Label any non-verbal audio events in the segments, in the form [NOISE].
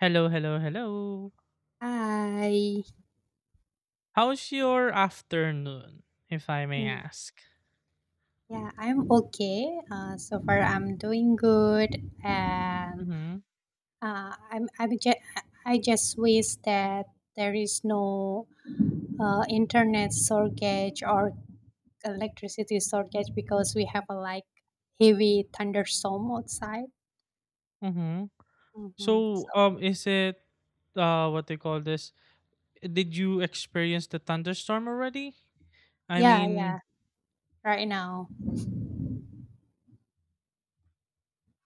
Hello, hello, hello. Hi. How's your afternoon, if I may Mm, ask? Yeah, I'm okay. So far, I'm doing good, and Mm-hmm. uh, I'm I'm ju- I just wish that there is no internet shortage or electricity shortage, because we have a like heavy thunderstorm outside. Mm-hmm. hmm So, So um, is it uh what they call this? Did you experience the thunderstorm already? I yeah, mean, yeah, right now.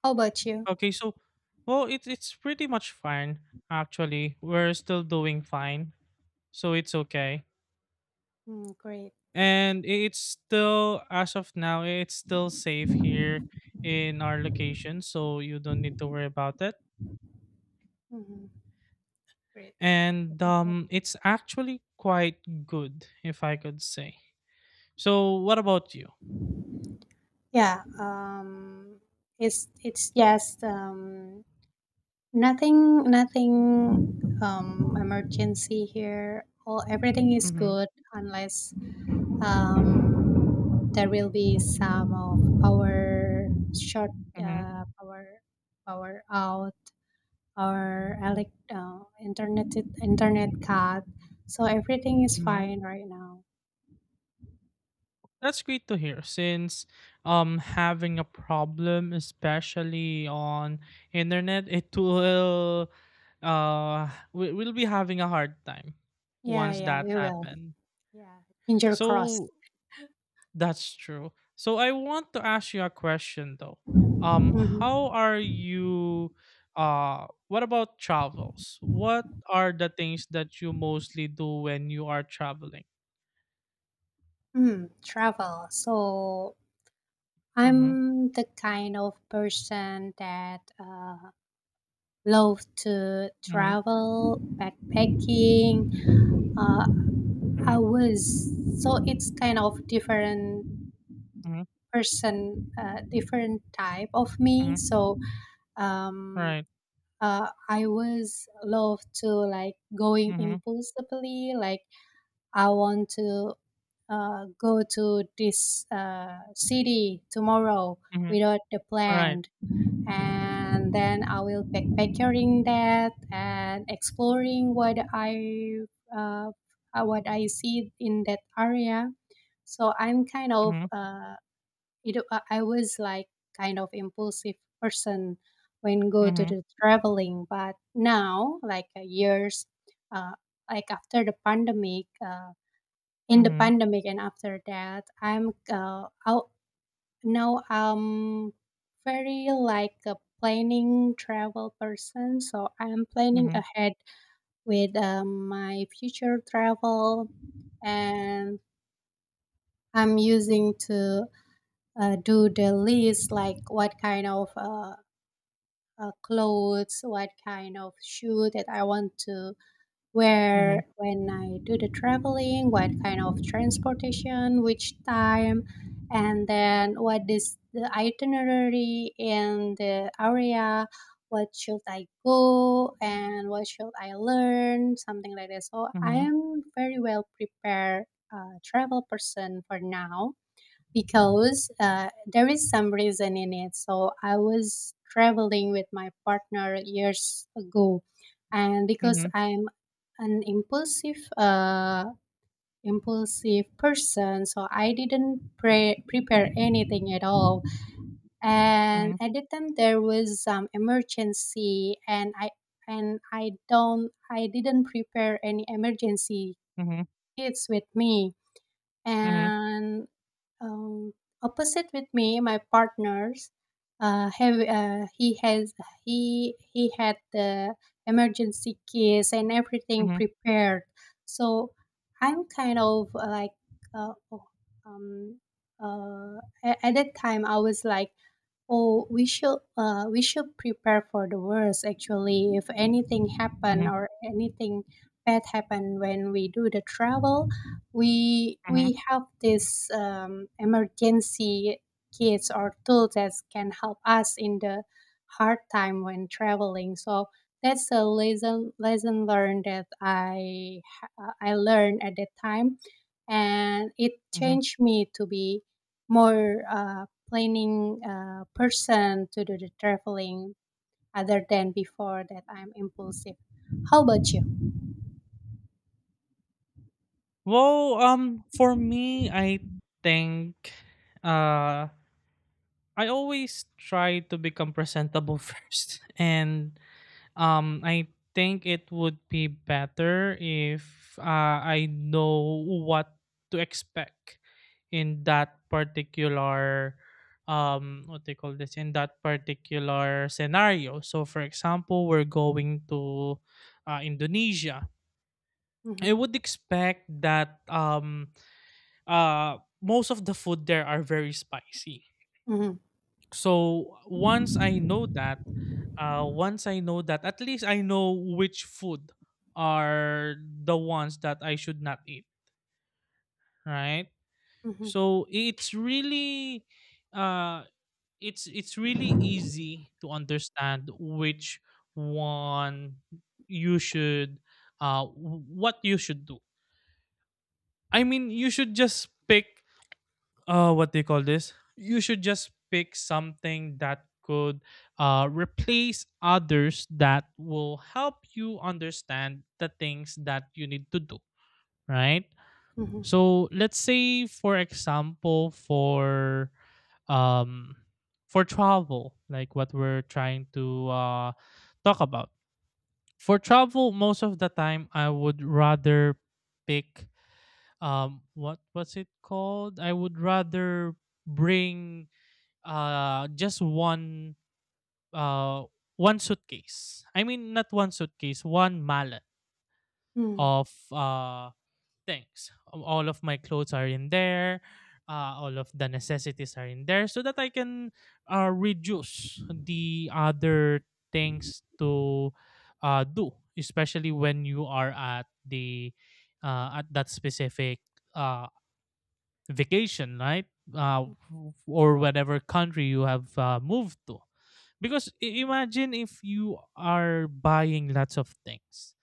How about you? okay, so it's pretty much fine actually. We're still doing fine, so it's okay. Mm, great. It's still as of now, it's still safe here in our location, so you don't need to worry about it. Hmm. Great. And it's actually quite good, if I could say. So, what about you? Yeah. It's just nothing, emergency here. All everything is Mm-hmm, good, unless um, there will be some of power short, mm-hmm, power out, or elect internet cut. So everything is mm-hmm. fine right now. That's great to hear. Since Having a problem, especially on internet, it will we will be having a hard time Yeah, once yeah, that we will. happened. Yeah, finger crossed. So, that's true. So I want to ask you a question though. How hmm are you what about travels? What are the things that you mostly do when you are traveling? travel. So Mhm. I'm the kind of person that love to Mhm. travel, backpacking. Uh, I Mhm. was So it's kind of different Mhm. person, different type of me. Mhm. So um, Right. I was love to like going Mhm. impulsively. Like, I want to go to this city tomorrow Mhm. without the Right. plan, and then I will backpacking that, and exploring uh, what I see in that area. So I'm kind of Mhm. I was like kind of impulsive person when go to Mhm. the traveling, but now like years, uh, like after the pandemic. In the Mhm. pandemic, and after that no, I'm very like a planning travel person, so I'm planning ahead with my future travel, and I'm using to do the list, like what kind of clothes, what kind of shoe that I want to, Mhm. where, when I do the traveling, what kind of transportation, which time, and then what is the itinerary in the area, what should I go, and what should I learn, something like that. So I Mhm. am very well prepared travel person for now, because there is some reason in it. So I was traveling with my partner years ago, and because Mhm. I'm an impulsive person, so I didn't prepare anything at all. And Mhm. at the time, there was some emergency, and I don't, I didn't prepare any emergency Mhm. kits with me. Mhm. And um, opposite with me, my partners have he had the emergency case, and everything Mhm. prepared. So I'm kind of uh, oh, um, uh, at that time I was like, oh, we should prepare for the worst, actually, if anything happen, Mhm. or anything bad happen when we do the travel, we Mhm. Mhm. have this emergency kits or tools that can help us in the hard time when traveling. So that's a lesson learned, that I learned at that time, and it Mhm. changed me to be more planning person to do the traveling, other than before that I'm impulsive. How about you? For me think uh I always try to become presentable [LAUGHS] first, and I think it would be better if I know what to expect in that particular what they call this in that particular scenario. So, for example, we're going to Indonesia. Hmm. I would expect that most of the food there are very spicy. Hmm. So once I know that, once I know that, at least I know which food are the ones that I should not eat, right? Hmm. So it's really, uh, it's really easy to understand which one you should, what you should do. I mean, you should just pick what they call this you should just pick something that could replace others that will help you understand the things that you need to do, right? Hmm. So let's say, for example, um for travel, like what we're trying to talk about. For travel, most of the time I would rather pick, what was it called I would rather bring just uh one suitcase. I mean, not one suitcase, one mallet Hmm. of things. All of my clothes are in there. All of the necessities are in there so that I can reduce the other things to do, especially when you are at the at that specific uh, vacation, right? Uh, or whatever country you have moved to. Because imagine if you are buying lots of things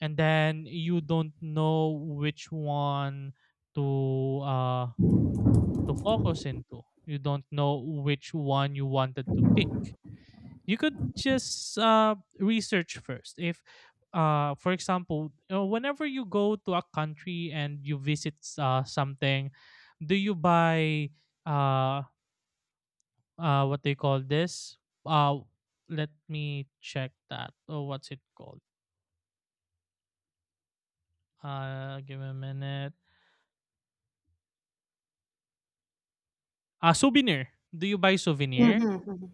and then you don't know which one to uh to focus into. You don't know which one you wanted to pick. You could just research first if for example whenever you go to a country and you visit something, do you buy uh, what they call this uh, let me check that. Oh, what's it called? Give me a minute. A souvenir. Do you buy Mhm, souvenir, mhm,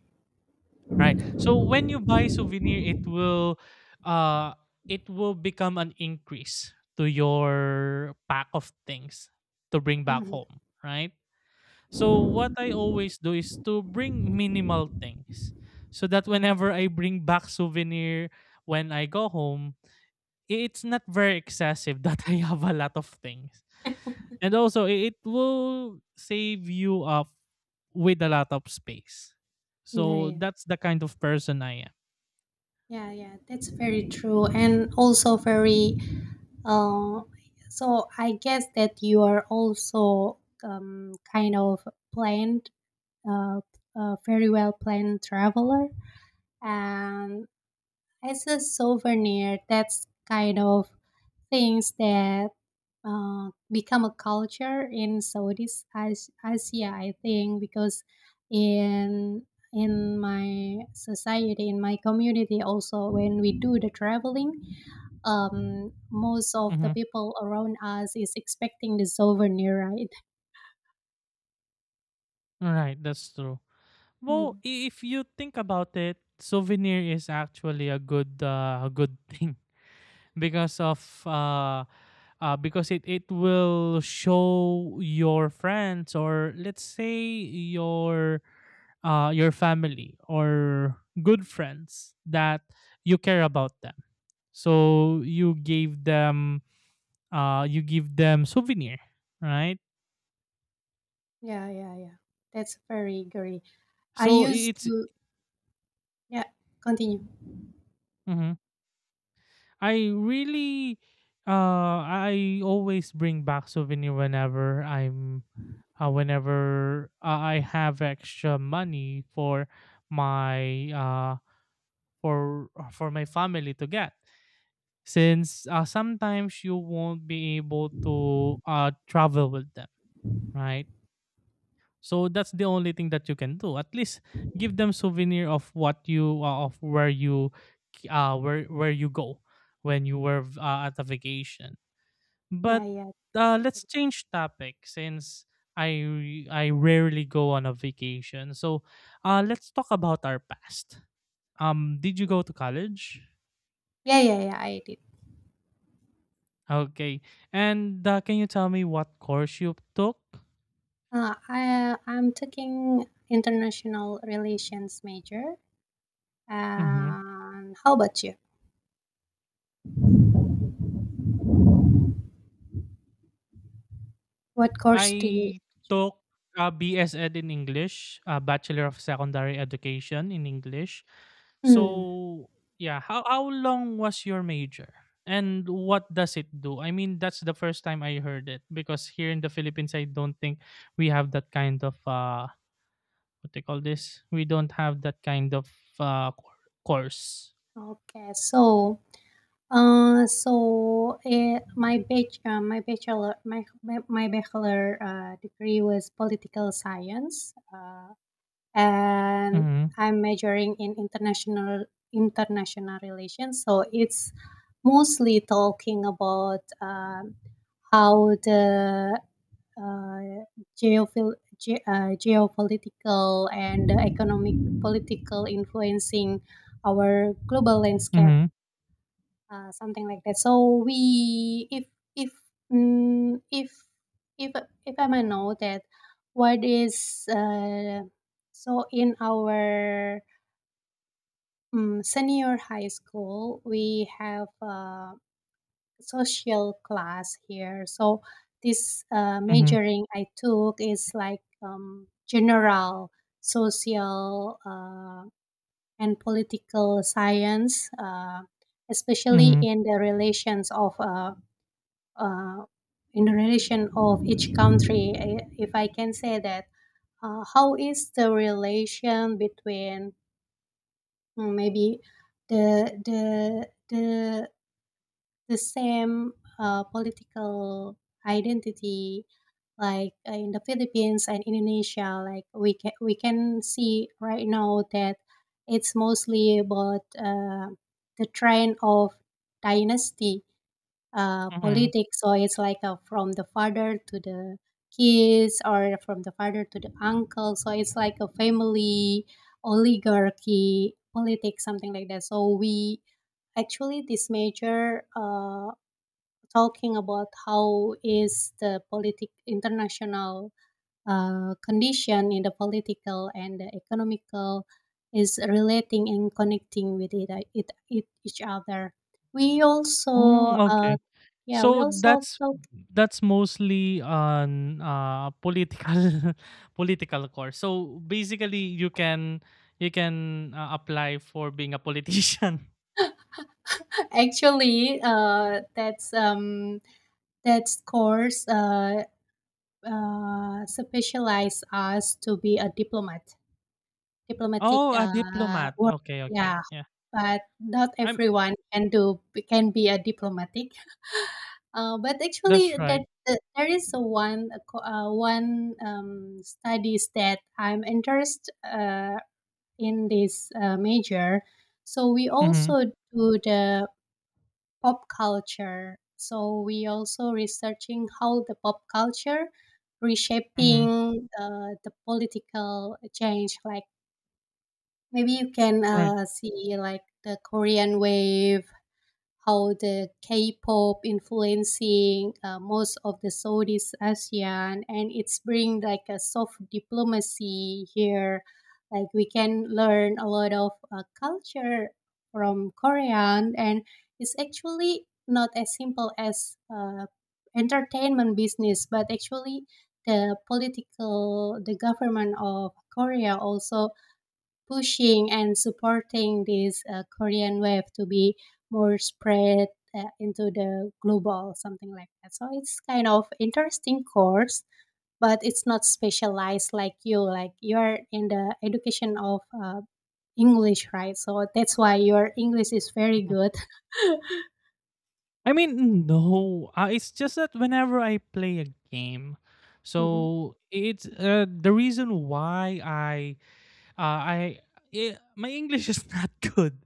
right? So when you buy souvenir, uh it will become an increase to your pack of things to bring back mhm. home, right? So what I always do is to bring minimal things so that whenever I bring back souvenir when I go home, it's not very excessive [LAUGHS] that I have a lot of things. And also, it will save you up with a lot of space. Yeah, So yeah, that's the kind of person I am. yeah, yeah. That's very true, and also very. Uh, so I guess that you are also kind of planned, uh, a very well planned traveler, and as a souvenir, that's kind of things that become a culture in Southeast Asia, I think, because in in my society, in my community, also when we do the traveling, most of the Mm-hmm. people around us is expecting the souvenir, right? Right, that's true. Well, Mm. If you think about it, souvenir is actually a good [LAUGHS] thing because of because it will show your friends, or let's say your your family or good friends, that you care about them. Mhm. So you gave them you give them souvenir, right? Yeah, yeah, yeah. That's very great. I So used it's to Yeah. Continue. mhm. I really I always bring back souvenir whenever I'm whenever I have extra money my uh for my family to get, since sometimes you won't be able to travel with them, right? So that's the only thing that you can do, at least give them souvenir of what you of where you where you go when you were at a vacation. Yeah, But yeah. Let's change topic since I rarely go on a vacation. So let's talk about our past. Did you go to college? Yeah, yeah, yeah. I did. Okay, and can you tell me what course you took? I'm taking international relations major. Mm-hmm. And how about you? What course do you? I took a BS Ed in English, a Bachelor of Secondary Education in English. Hmm. So, yeah, how long was your major? And what does it do? I mean, that's the first time I heard it because here in the Philippines, I don't think we have that kind of what they call this. We don't have that kind of course. Okay. So, my bachelor, my bachelor degree was political science. And Mhm. I'm majoring in international relations. So it's mostly talking about how the uh, geopolitical and economic political influencing our global landscape, Mhm. Something like that. So we, if mm, if if I may know, that what is so in our senior high school we have a social class here. So this Mhm. majoring I took is like general social and political science. Especially Mhm. in the relations of uh, Indonesian of each country, if I can say that, how is the relation between, maybe, the the the the same political identity, like in the Philippines and Indonesia, like we can see right now that it's mostly about the trend of dynasty Mhm. politics. So it's like from the father to the kids, or from the father to the uncle. So it's like a family oligarchy politics, something like that. So we actually this major talking about how is the politic international condition in the political and the economical is relating and connecting with it each other. We also, Mm, okay. yeah, we So also talk. that's mostly on political [LAUGHS] political course. So basically, you can apply for being a politician. [LAUGHS] [LAUGHS] Actually, that's course specialize us to be a diplomat, diplomatic Oh, a diplomat. work. Okay, okay, Yeah, yeah. but not I'm. everyone can do can be a diplomatic. But actually, That's right. that there is a one studies that I'm interested in this major. So we Mm-hmm. also do the pop culture. So we also researching how the pop culture Mm-hmm. reshaping the political change. Like, maybe you can Right. See, like the Korean wave, how the K-pop influencing most of the Southeast ASEAN, and it's bring like a soft diplomacy here. Like, we can learn a lot of culture from Korean, and it's actually not as simple as entertainment business, but actually the political, the government of Korea also pushing and supporting this Korean wave to be more spread into the global, something like that. So it's kind of interesting course, but it's not specialized like you. Like, you're in the education of English, right? So that's why your English is very Mhm. good. [LAUGHS] I mean, no. It's just that whenever I play a game, Hmm. so it's the reason why uh, I my English is not [LAUGHS] good,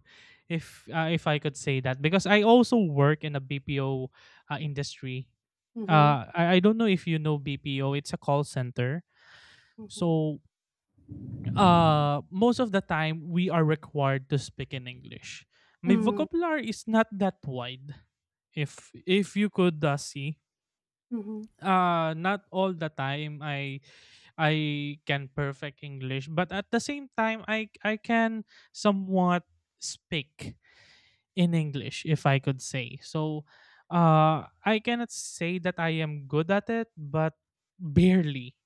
if I could say that, because I also work in a BPO industry. Hmm. I don't know if you know BPO. It's a call center. Hmm. So most of the time we are required to speak in English. My Mm, vocabulary is not that wide. If you could see, mhm, not all the time I can perfect English, but at the same time, I can somewhat speak in English, if I could say. So, I cannot say that I am good at it, but barely.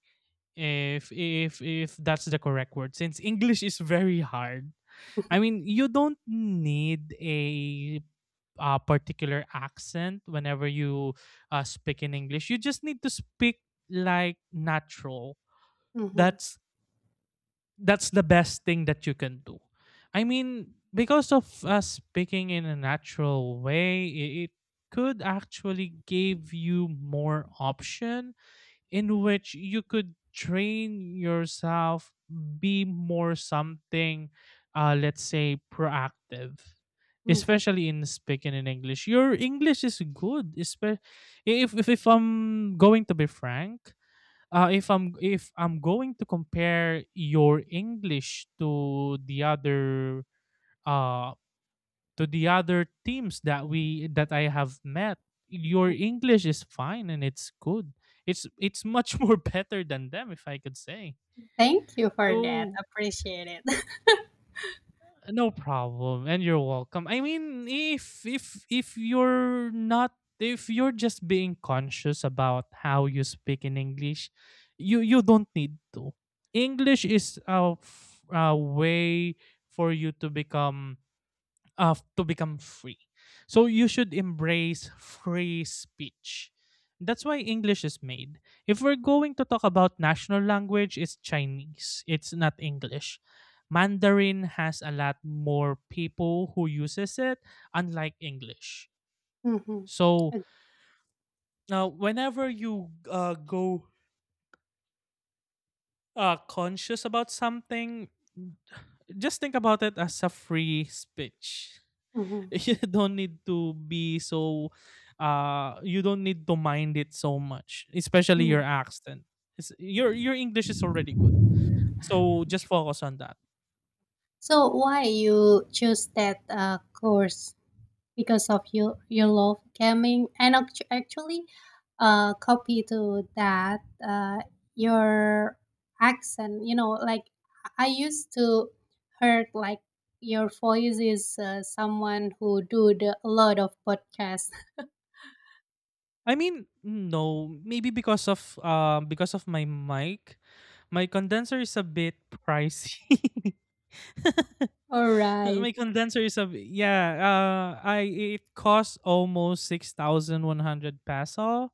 If if that's the correct word, since English is very hard. I mean, you don't need a particular accent whenever you speak in English. You just need to speak like natural. mhm, That's that's the best thing that you can do. I mean, because of us speaking in a natural way, it could actually give you more option in which you could train yourself, be more something, let's say proactive, mhm, especially in speaking in English. Your English is good, if if I'm going to be frank. If I'm going to compare your English uh to the other teams that we that I have met, your mhm. English is fine and it's good. It's much [LAUGHS] more better than them, if I could say. Thank you for that. So Appreciate it. [LAUGHS] no problem, and you're welcome. I mean, if if you're not, if you're just being conscious about how you speak in English, you don't need to. English is a, a way for you to become to become free. So you should embrace free speech. That's why English is made. If we're going to talk about national language, it's Chinese. It's not English. Mandarin has a lot more people who uses it, unlike English. Mhm. So Ag- now, whenever you go conscious about something, just think about it as a free speech. [LAUGHS] mhm, You don't need to be so you don't need to mind it so much, especially mhm. your accent. It's, your English is already good, so just focus on that. So why you choose that course? Because of you love gaming, and actually, copy to that, uh, your accent. You know, like, I used to heard like your voice is someone who do a lot of podcasts. I mean, no, maybe because of my mic, my condenser is a bit pricey. [LAUGHS] All [LAUGHS] right, My condenser is a yeah. I it costs almost 6,100 peso.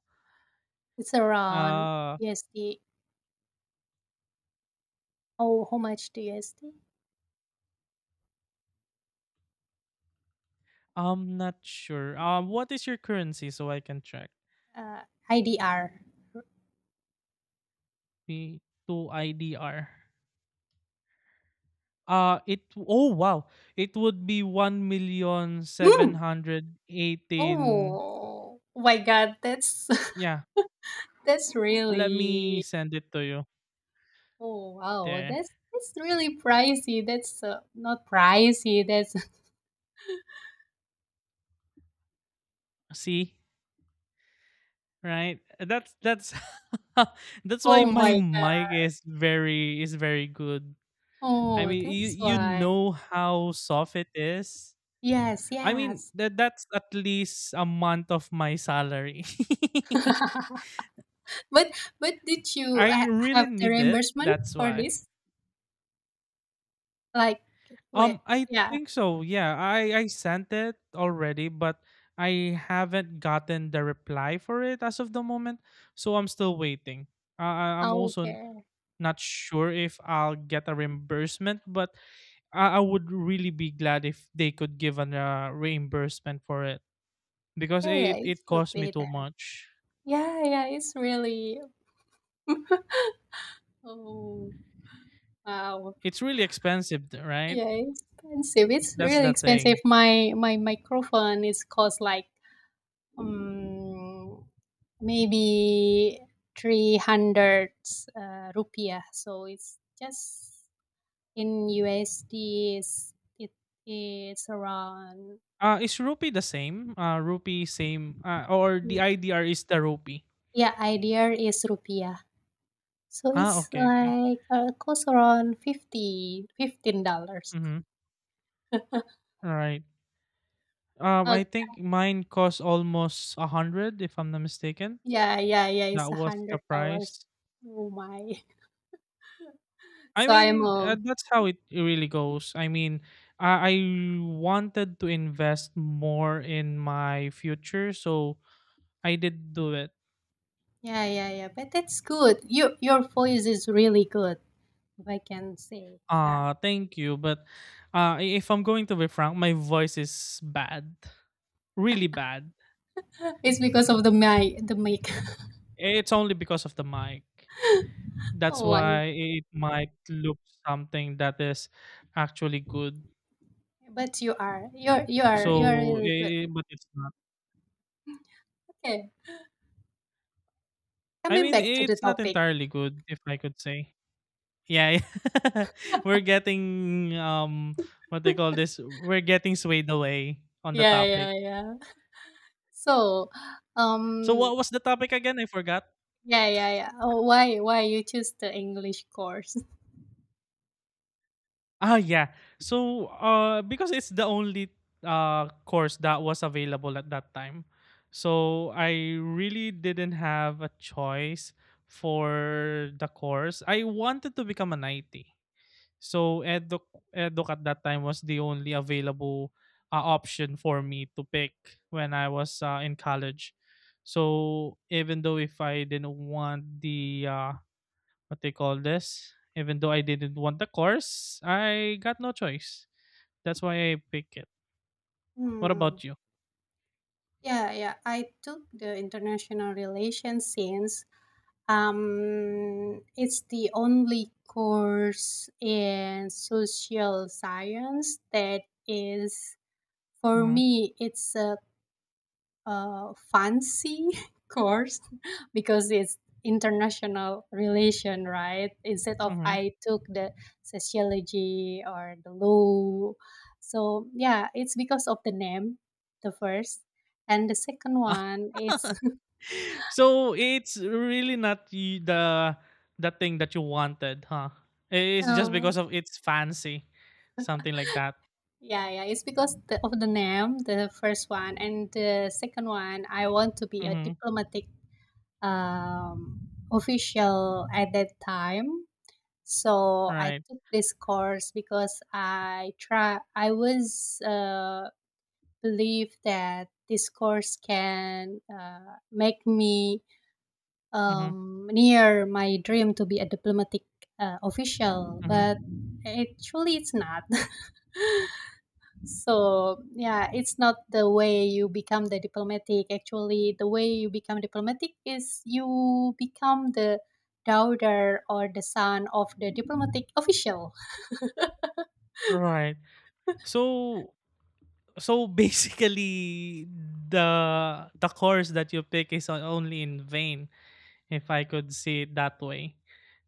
it's around Uh, USD. Oh, how much do USD? I'm not sure. What is your currency so I can check? Uh, IDR. P two IDR. It oh wow, it would be one million seven Hmm. hundred eighteen. Oh, my God, that's— [LAUGHS] Yeah, that's let me really— send it to you. oh wow, There. that's really pricey. That's not pricey. That's— [LAUGHS] See? Right? That's [LAUGHS] that's why oh my my God. mic is very good. I Oh, mean, you that's you why. know how soft it is. Yes, I mean, yes. that that's at least a month of my salary. [LAUGHS] But but did [LAUGHS] you I ha really have the need it. reimbursement That's for why. this? Like, wait, I yeah. think so. Yeah, I sent it already, but I haven't gotten the reply for it as of the moment. So I'm still waiting. I'm Oh, also okay. not sure if I'll get a reimbursement, but I would really be glad if they could give an reimbursement for it, because Yeah, yeah, it it it should cost me be too there. much. Yeah, yeah, it's really— [LAUGHS] Oh, wow. It's really expensive, right? Yeah, it's expensive. It's That's really the expensive. thing. My microphone is cost like um, maybe 300 rupiah, so it's just in usd, is it? Is around— Is rupee the same? Rupee same. Or the IDR is the rupee. yeah, idea is rupiah, so Ah, it's okay, okay. like cost around 50 15 dollars. Mm-hmm. [LAUGHS] All right. Uh, I think mine cost almost 100, if I'm not mistaken. yeah, yeah, yeah, it's That a was hundred the dollars price. Oh my. [LAUGHS] I So I'm mean, that's how it really goes. I mean, I wanted to invest more in my future, so I did do it. yeah, yeah, yeah. But that's good, your voice is really good, if I can say that. Uh, thank you. But if I'm going to be frank, my voice is bad. Really bad. [GASPS] [LAUGHS] It's because of the my the mic. [LAUGHS] It's only because of the mic. That's Oh my. why it might look something that is actually good. But you are. You are So, really good. But it's not. Okay. I Coming mean, back to the it's not topic. entirely good, if I could say. Yeah, yeah. [LAUGHS] we're getting what they call this. We're getting swayed away on the Yeah, yeah, topic. yeah. So So um what was the topic again? I forgot. yeah, yeah, yeah. Oh, why you choose the English course? [LAUGHS] Ah, yeah. So because it's the only course that was available at that time. So I really didn't have a choice for the course. I wanted to become an IT. So eduk at that time was the only available, option for me to pick when I was, in college. So even though if I didn't want the, what they call this, even though I didn't want the course, I got no choice. That's why I pick it. What Hmm. about you? Yeah, yeah. I took the international relations, since it's the only course in social science that is— for hmm me, it's a fancy [LAUGHS] course, because it's international relation, right? Instead of hmm I took the sociology or the law. So, yeah, it's because of the name, the first, and the second one, it's— [LAUGHS] So it's really not y- the thing that you wanted, huh? [LAUGHS] It's just uh, because of it's fancy, something like that. yeah, yeah, it's because of the name, the first one, and the second one, I want to be a hmm diplomatic um, official at that time. So I Right. took this course because I was believe that this course can make me hmm near my dream to be a diplomatic official, hmm but actually it's not. [LAUGHS] So, yeah, it's not the way you become the diplomatic. Actually, the way you become diplomatic is you become the daughter or the son of the diplomatic official. Right. [LAUGHS] So so basically the the course that you pick is only in vain, if I could see it that way,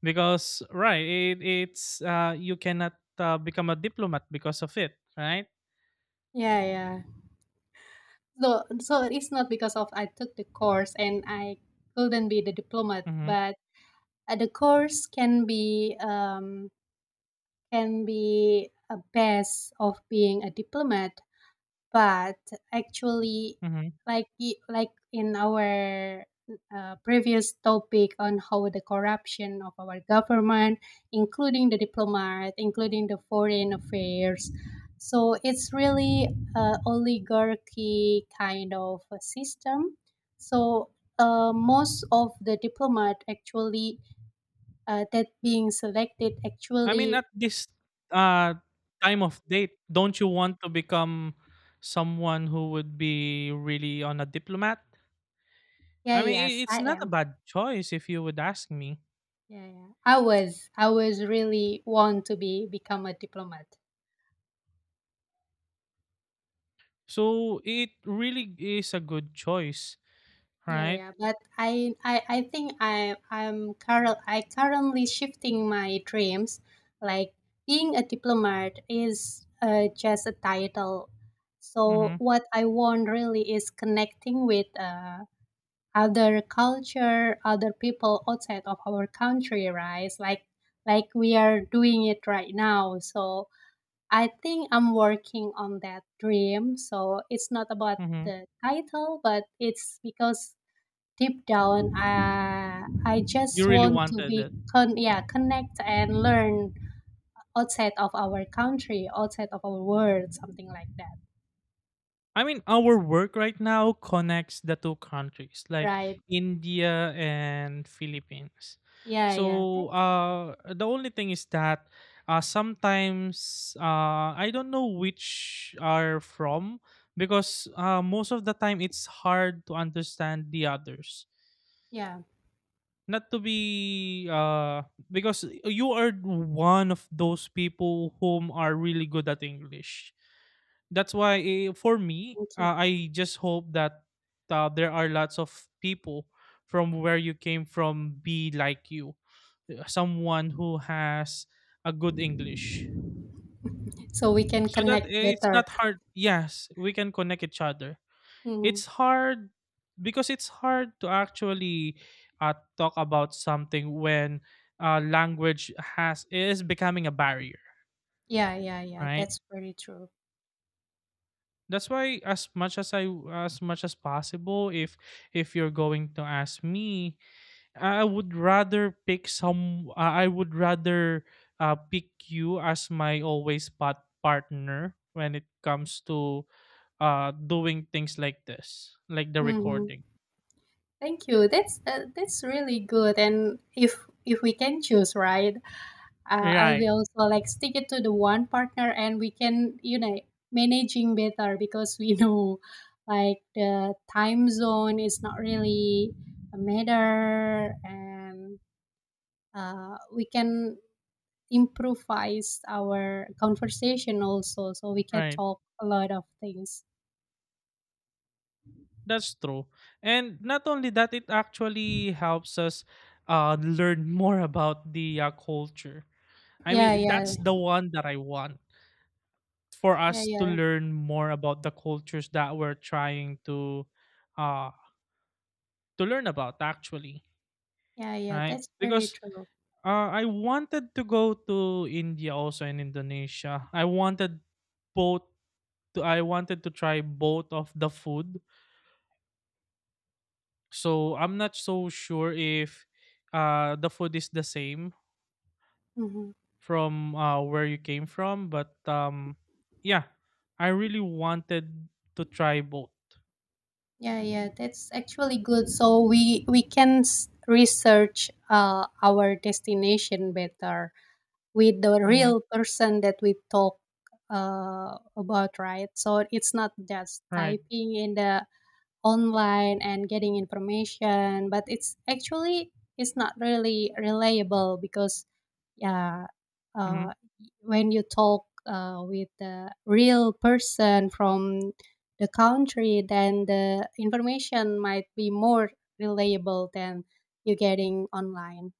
because, right, it, it's you cannot, become a diplomat because of it, right? Yeah, yeah. So it's not because of I took the course and I couldn't be the diplomat, Mm-hmm. but the course can be a best of being a diplomat, but actually, Mm-hmm. Like in our previous topic on how the corruption of our government, including the diplomat, including the foreign affairs. So it's really a oligarchy kind of a system. So most of the diplomat actually that being selected I mean, actually— at this, uh, time of date, don't you want to become someone who would be really on a diplomat? yeah, I mean, yes, it's I not a am. bad choice if you would ask me. Yeah, yeah, I was really want to be become a diplomat. So it really is a good choice. Yeah, Right? yeah, but I think I currently shifting my dreams, like being a diplomat is just a title, so Mhm, what I want really is connecting with other culture, other people outside of our country, right? Like we are doing it right now. So I think I'm working on that dream. So it's not about mhm. the title, but it's because deep down I just You really want to wanted be it. Yeah, connect and learn outside of our country, outside of our world, something like that, I mean, our work right now connects the two countries, like right? India and Philippines. Yeah, yeah, So, that's right. The only thing is that, sometimes, I don't know which are from, because, most of the time it's hard to understand the others. Yeah, Not to be, because you are one of those people whom are really good at English. That's why, for me, thank you. I just hope that, there are lots of people from where you came from be like you, someone who has a good English So we can so that, connect it's better. not hard. Yes, we can connect each other. It's [LAUGHS] hard because it's hard to actually, talk about something when, language has is becoming a barrier, Yeah, yeah, yeah. right? That's very true. That's why, as much as I, as much as possible, if you're going to ask me, I would rather, pick you as my always partner when it comes to, doing things like this, like the Hmm. recording. Thank you. That's really good. And if we can choose, right, I Right. will also like stick it to the one partner, and we can, managing better, because we [LAUGHS] know, like the time zone is not really a matter, and we can improvise our conversation also, so we can Right, talk a lot of things. that's true. And not only that, it actually helps us, learn more about the, culture. I Yeah, mean, yeah, that's the one that I want, for yeah, us to yeah. learn more about the cultures that we're trying to, uh learn about, actually. Yeah, yeah, Right, that's very because, true. I wanted to go to India, also in Indonesia I wanted, both, I wanted to try both of the food. So I'm not so sure if, the food is the same Hmm. from, where you came from, but yeah, I really wanted to try both. Yeah, yeah, that's actually good. So we can research our destination better, with the hmm real person that we talk about, right? So it's not just right. typing in the online and getting information, but it's not really reliable, because— yeah, uh, Mhm. when you talk with the real person from the country, then the information might be more reliable than you getting online.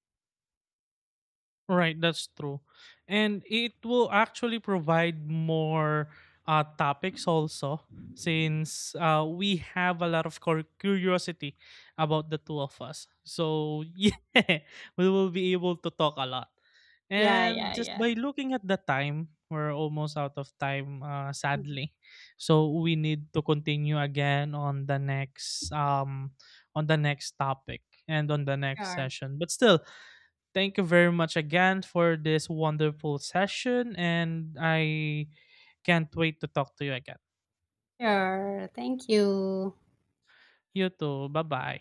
Right, that's true. And it will actually provide more, topics also, since, we have a lot of curiosity about the two of us. So, [LAUGHS] yeah, we will be able to talk a lot. Yeah, And yeah, just yeah. by looking at the time, we're almost out of time, Mhm. sadly. So we need to continue again on the next topic and on the next Sure. session. But still, thank you very much again for this wonderful session, and I can't wait to talk to you again. Sure, thank you. You too. Bye bye.